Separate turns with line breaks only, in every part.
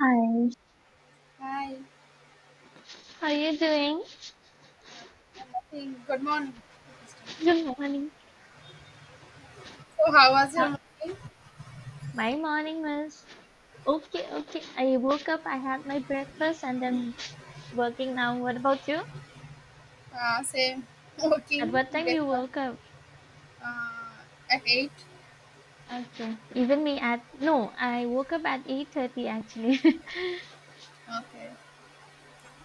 Hi,
Hi.
how are you doing?
Good morning.
Good morning.
So, how was your
How-
morning?
my morning was okay, okay. I woke up, I had my breakfast, and then working now. What about you?
Same
At
working
what time you
breakfast
woke up?
uh, at 8.
Okay. Even me at no, I woke up at 8:30 actually.
Okay.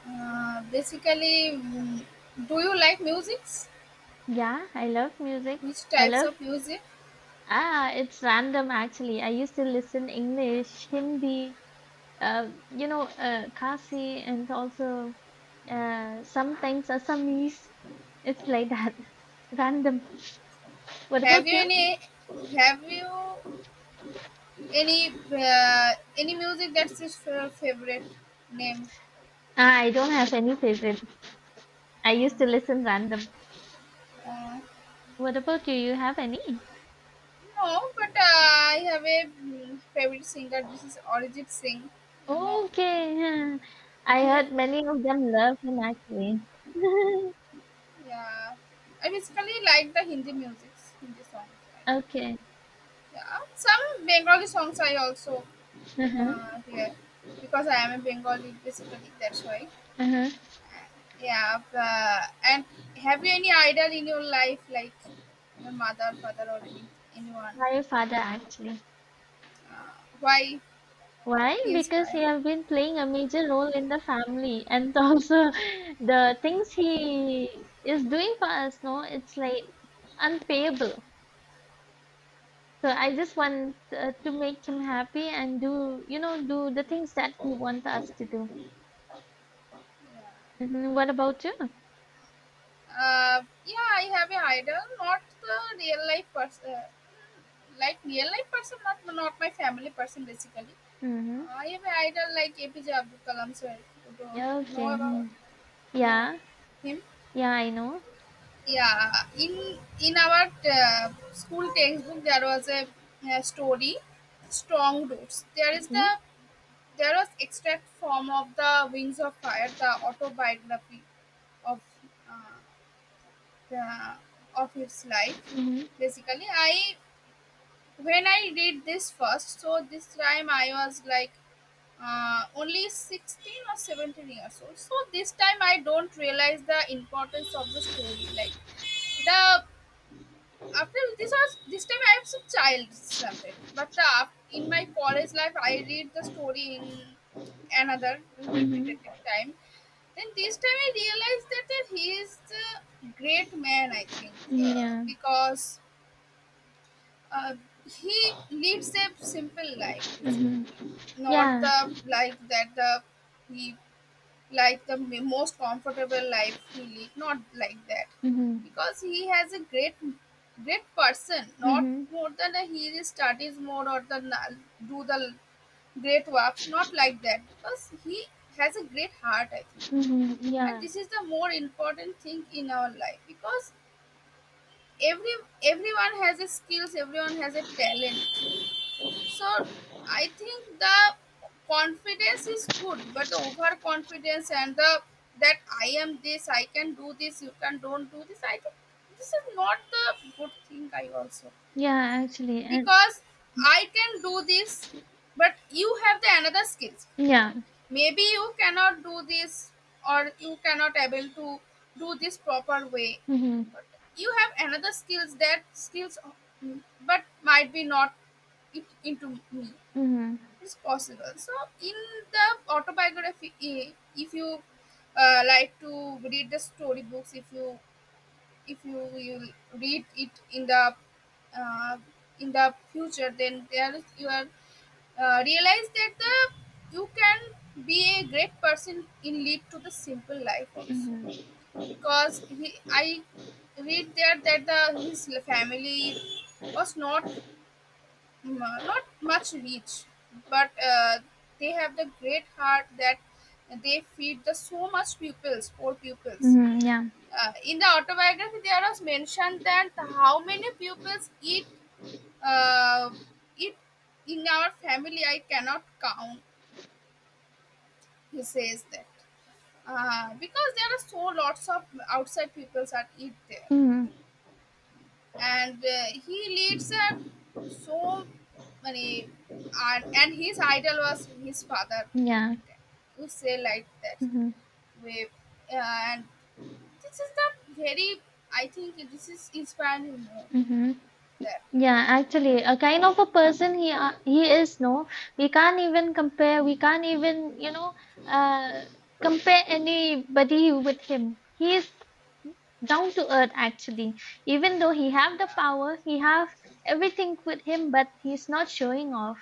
Basically, do you like musics?
Yeah, I love music.
Which
I
types
love
of music?
it's random actually. I used to listen English, Hindi, Kasi, and also sometimes Assamese, it's like that. Random. What
Have
about
you
you?
any? Have you any music that's your favorite name?
I don't have any favorite. I used
Um,
to listen random.
uh,
What about you? You have any?
no, but I have a favorite singer. This is Arijit Singh. You
Okay. Huh. I
know him?
heard many of them love him actually.
Yeah, I basically like the Hindi music, Hindi songs. I think.
Okay.
Yeah, some Bengali songs I also
Uh-huh.
hear because I am a Bengali basically. That's why.
Uh-huh.
Yeah, but, and have you any idol in your life, like your mother, father, or any anyone?
My father actually.
Uh, why
Why?
he
Because
inspire?
he have been playing a major role in the family and also the things he is doing for us, no, it's like unpayable. So I just want to make him happy and do, do the things that he wants us to do. What about you?
Yeah, I have an idol, not the real life person, like real life person, not my family person basically
Mm-hmm.
I am an idol like APJ Abdul Kalam, so you don't
Okay.
know about
Mhm.
know
Yeah.
him.
Yeah, I know.
Yeah, in our school textbook there was a, story, Strong Roots. There is the
Okay.
There was extract form of the Wings of Fire, the autobiography of uh, the, of his life.
Mm-hmm.
Basically, I when I read this first, so this time I was like only 16 or 17 years old, so this time I don't realize the importance of the story, like the after this was this time I was a child something, but the, in my college life I read the story in another
Mm-hmm.
repetitive time, then this time I realized that, that he is the great man I think,
Yeah.
because uh, he lives a simple life
Mm-hmm.
basically, not
Yeah.
the like that the he like the most comfortable life he lead, not like that,
Mm-hmm.
because he has a great great person, not
Mm-hmm.
more than a he studies more or the do the great works, not like that, because he has a great heart I think,
Mm-hmm.
and
Yeah.
this is the more important thing in our life because every everyone has a skills, everyone has a talent, so I think the confidence is good, but the overconfidence and the that I am this, I can do this, you can don't do this. I think this is not the good thing. I also
Yeah, actually. And
because I can do this, but you have the another skills.
yeah.
Maybe you cannot do this or you cannot able to do this proper way.
Mm-hmm.
But you have another skills that skills, mm, but might be not it into me
Mm-hmm.
it's possible. So, in the autobiography, if you like to read the storybooks, if you will read it uh, in the future, then there is- you are realize that the you can be a great person in lead to the simple life also,
Mm-hmm.
because he I read there that the his family was not m- not much reach, but they have the great heart that they feed the so much pupils, poor pupils.
Mm-hmm. Yeah.
In the autobiography, there was mentioned that how many pupils eat uh, eat in our family. I cannot count. He says that because there are so lots of outside pupils that eat there.
Mm-hmm.
And he leads a so many, and his idol was his father,
Yeah.
we say like that
Mm-hmm.
way, and this is the very I think this is inspiring more
Mm-hmm.
that.
Yeah, actually, a kind of a person he is. No, we can't even compare. We can't even uh, compare anybody with him. He is down to earth actually. Even though he have the
Yeah,
power, he have everything with him, but he's not showing off.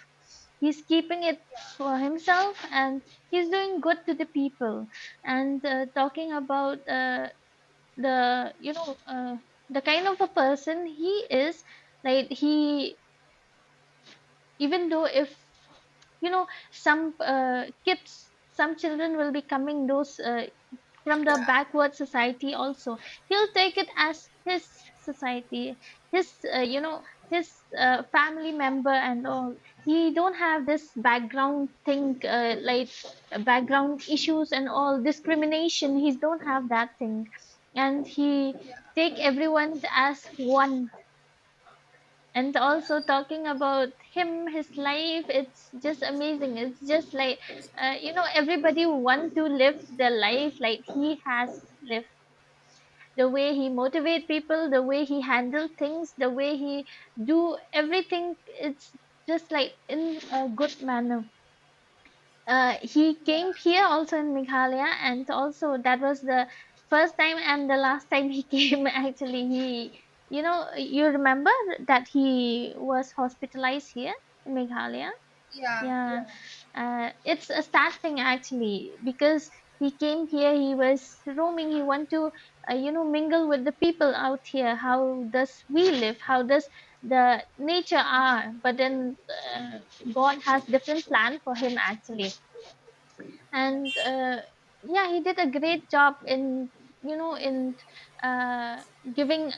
He's keeping it
yeah,
for himself, and he's doing good to the people. And talking about the the kind of a person he is, like he, even though, if you know some kids some children will be coming, those from the
yeah,
backward society also, he'll take it as his society, his family member and all. He don't have this background thing, background issues and all discrimination, he don't have that thing, and he
yeah,
take everyone as one. And
yeah,
also, talking about him, his life, it's just amazing, it's just like everybody want to live their life like he has lived. The way he motivate people, the way he handle things, the way he do everything, it's just like in a good manner. He
yeah,
came here also in Meghalaya, and also that was the first time and the last time he came. Actually, he, you remember that he was hospitalized here in Meghalaya.
yeah,
Yeah,
yeah,
it's a sad thing actually because he came here. He was roaming. He want to, mingle with the people out here. How does we live? How does the nature are? But then uh, God has different plan for him actually, and yeah, he did a great job in, in uh, giving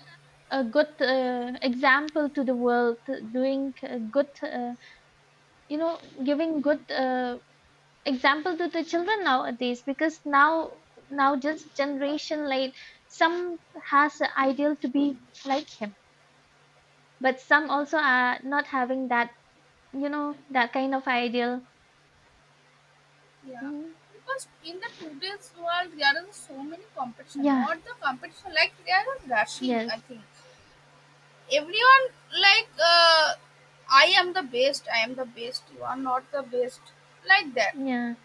a good example to the world, doing a good, giving good example to the children nowadays, because now just generation, like some has an ideal to be like him, but some also are not having that you know that kind of ideal.
yeah,
Mhm.
because in the today's world there are so many competition,
Yeah.
not the competition like they are rushing I
Yes.
think. Everyone like, I am the best, I am the best, you are not the best, like that,
Yeah.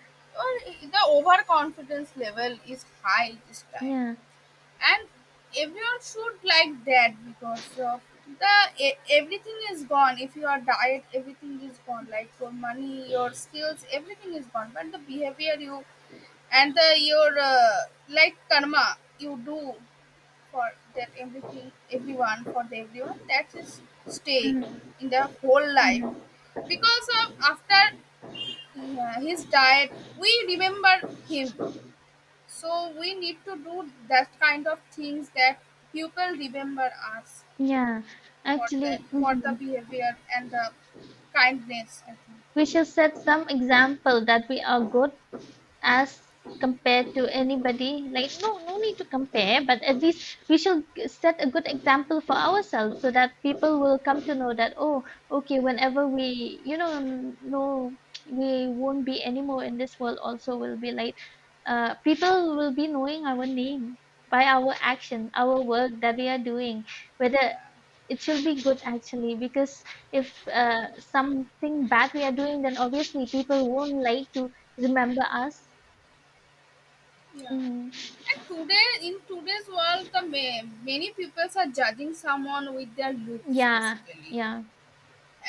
or the overconfidence level is high this time.
Yeah.
And everyone should like that because of the everything is gone, if you are diet everything is gone, like your money, your skills, everything is gone, but the behavior you and the your like karma you do for that everything everyone for the everyone that is stay
Mhm.
in the whole life,
Mhm.
because of after yeah, his diet we remember him, so we need to do that kind of things that people remember us
Yeah, actually,
for the
mhm.
behavior and the kindness I think.
We should set some example that we are good as compared to anybody. Like, no, no need to compare, but at least we should set a good example for ourselves so that people will come to know that, oh, okay, whenever we, no, we won't be anymore in this world, also will be like, people will be knowing our name by our action, our work that we are doing, whether
Yeah,
it should be good actually, because if something bad we are doing, then obviously people won't like to remember us.
yeah.
Mm.
And today in today's world the many people are judging someone with their looks
Yeah.
basically.
Yeah.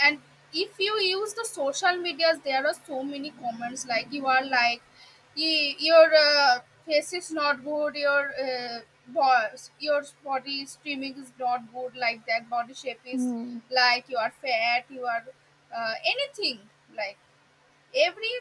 And if you use the social medias there are so many comments like you are like Your face is not good, your your body streaming is not good, like that body shape is,
Mm.
like you are fat, you are anything, like every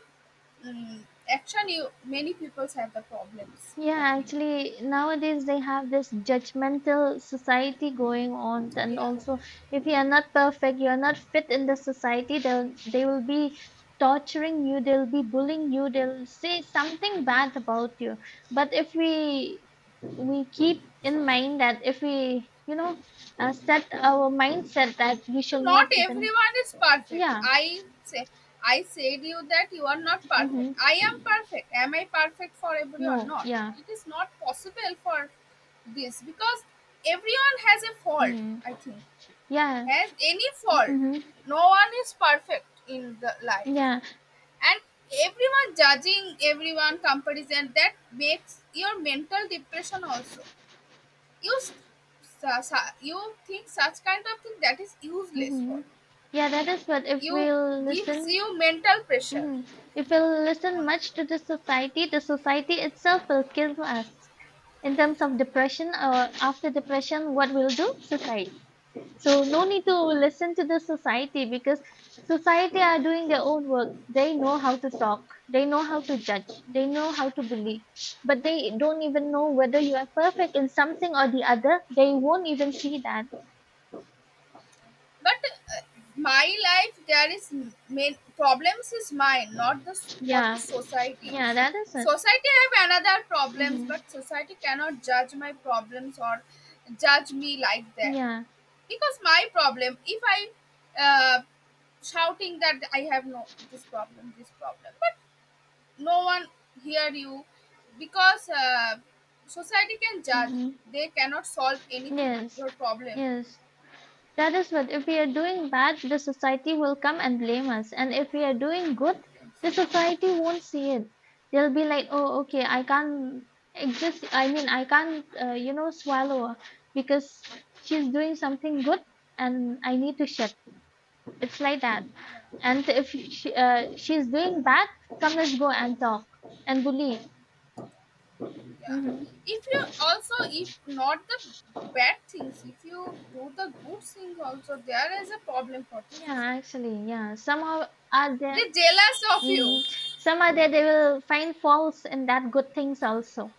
action you many people have the problems I
Yeah,
think.
actually nowadays they have this judgmental society going on, and
Yeah,
also if you are not perfect, you are not fit in the society, they will be torturing you, they'll be bullying you, they'll say something bad about you. But if we keep in mind that if we set our mindset that we shall
not
not even.
everyone is perfect.
Yeah.
I say I said you that you are not perfect.
Mm-hmm.
I am perfect. Am I perfect for everyone?
No,
Not.
yeah.
It is not possible for this because everyone has a fault,
Mm-hmm.
I think.
Yeah.
Has any fault.
Mm-hmm.
No one is perfect in the life.
Yeah.
And everyone judging everyone comparison that makes your mental depression also. You you think such kind of thing that is useless for
Mm-hmm. Yeah, that is what if
you
we'll
gives
listen.
you mental pressure
Mm-hmm. If we'll listen
on
much to the society, the society itself will kill us in terms of depression, or after depression what will do society. So no need to
yeah.
listen to the society, because society are doing their own work. They know how to talk. They know how to judge. They know how to believe. But they don't even know whether you are perfect in something or the other. They won't even see that.
But uh, my life there is main problems is mine, not the for the
Yeah. Yeah,
societies.
that is it.
Society have another problems,
Mm-hmm.
but society cannot judge my problems or judge me like that,
Yeah.
because my problem if I uh, shouting that I have no this problem this problem, no one hear you, because society can judge,
Mm-hmm.
they cannot solve anything
Yes.
your problem.
Yes. That is what if we are doing bad, the society will come and blame us. And if we are doing good, the society won't see it. They'll be like, oh, okay, I can't exist. I mean, I can't, you know, swallow her because she's doing something good and I need to shit. It's like that. And if she, she's doing bad, come, let's go and talk and bully. Hmm.
Yeah, if you also if not the bad things, if you do the good things also, there is a problem for the
Yeah,
society,
actually, yeah. Somehow, are
they
there?
jealous of you.
hmm Somehow they will find faults in that good things also.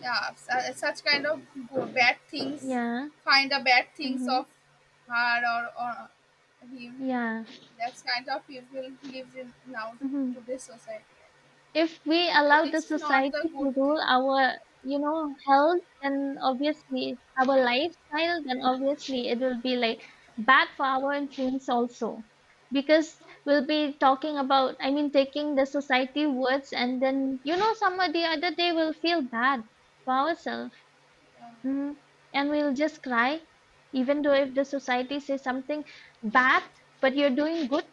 Yeah, such kind of go bad things,
Yeah.
find the bad things
Mm-hmm.
of her, or him,
Yeah.
that's kind of people lives in now
Mm-hmm.
today's society.
If we
No,
allow the
this is not the
society to
good thing.
rule our, health, then obviously our lifestyle, then obviously it will be like bad for our influence also. Because we'll be talking about, I mean, taking the society words, and then, somehow the other day we'll feel bad for ourselves.
Uh,
Hmm, and we'll just cry, even though if the society says something bad, but you're doing good,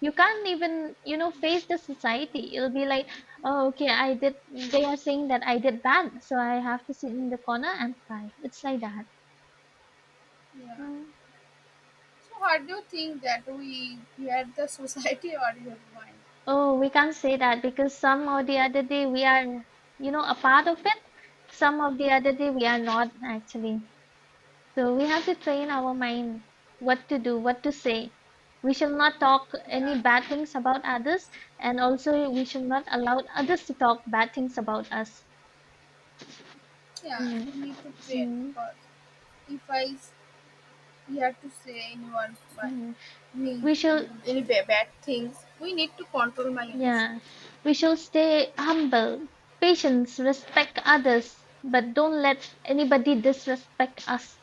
you can't even, face the society. It'll be like, oh, okay, I did, they are saying that I did bad, so I have to sit in the corner and cry. It's like that.
yeah.
Mm.
So, how do you think that we hear the society or your mind?
Oh, we can't say that because some or the other day we are, a part of it. Some of the other day we are not actually. So we have to train our mind what to do, what to say. We shall not talk
Yeah,
any bad things about others, and also we shall not allow others to talk bad things about us.
yeah.
Mm,
We need to train,
mm,
because if we have to say anyone but
mm.
me
We shall,
any bad things, we need to control my
yeah,
emotions.
we shall stay humble, patience, respect others, but don't let anybody disrespect us.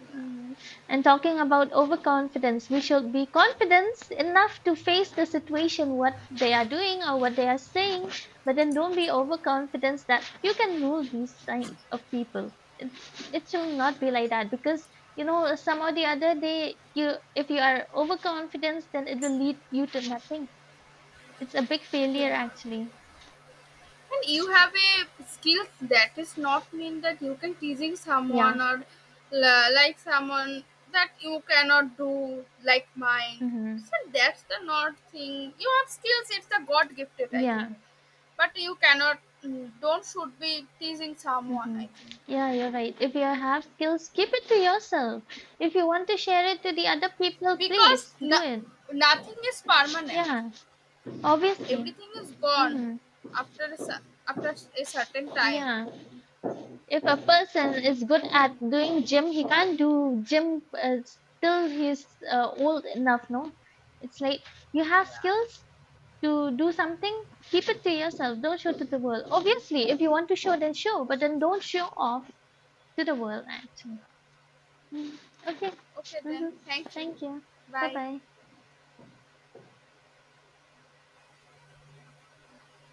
Yeah,
Mhm. And talking about overconfidence, we should be confident enough to face the situation, what they are doing or what they are saying, but then don't be overconfident that you can rule these type of people. It should not be like that because, some or the other day, you, if you are overconfident, then it will lead you to nothing. It's a big failure
yeah.
actually.
And you have a skill, that is not mean that you can teasing
Yeah.
someone or like someone that you cannot do like mine.
Mm-hmm.
So that's the not thing. You have skills. It's the God gifted, I
Yeah.
think. But you cannot don't should be teasing someone. I
hmm
think
Yeah, you're right. If you have skills, keep it to yourself. If you want to share it to the other people,
because
please do it.
nothing is permanent.
Yeah, obviously.
Everything is gone
Hmm.
after a, after a certain time.
Yeah. If a person is good at doing gym, he can't do gym still he's old enough, no? It's like you have
Yeah.
skills to do something, keep it to yourself. Don't show to the world. Obviously, if you want to show, then show, but then don't show off to the world, actually. Mm. Okay.
Okay then.
Mm-hmm.
Thank you.
Thank you. Bye
Bye.
bye.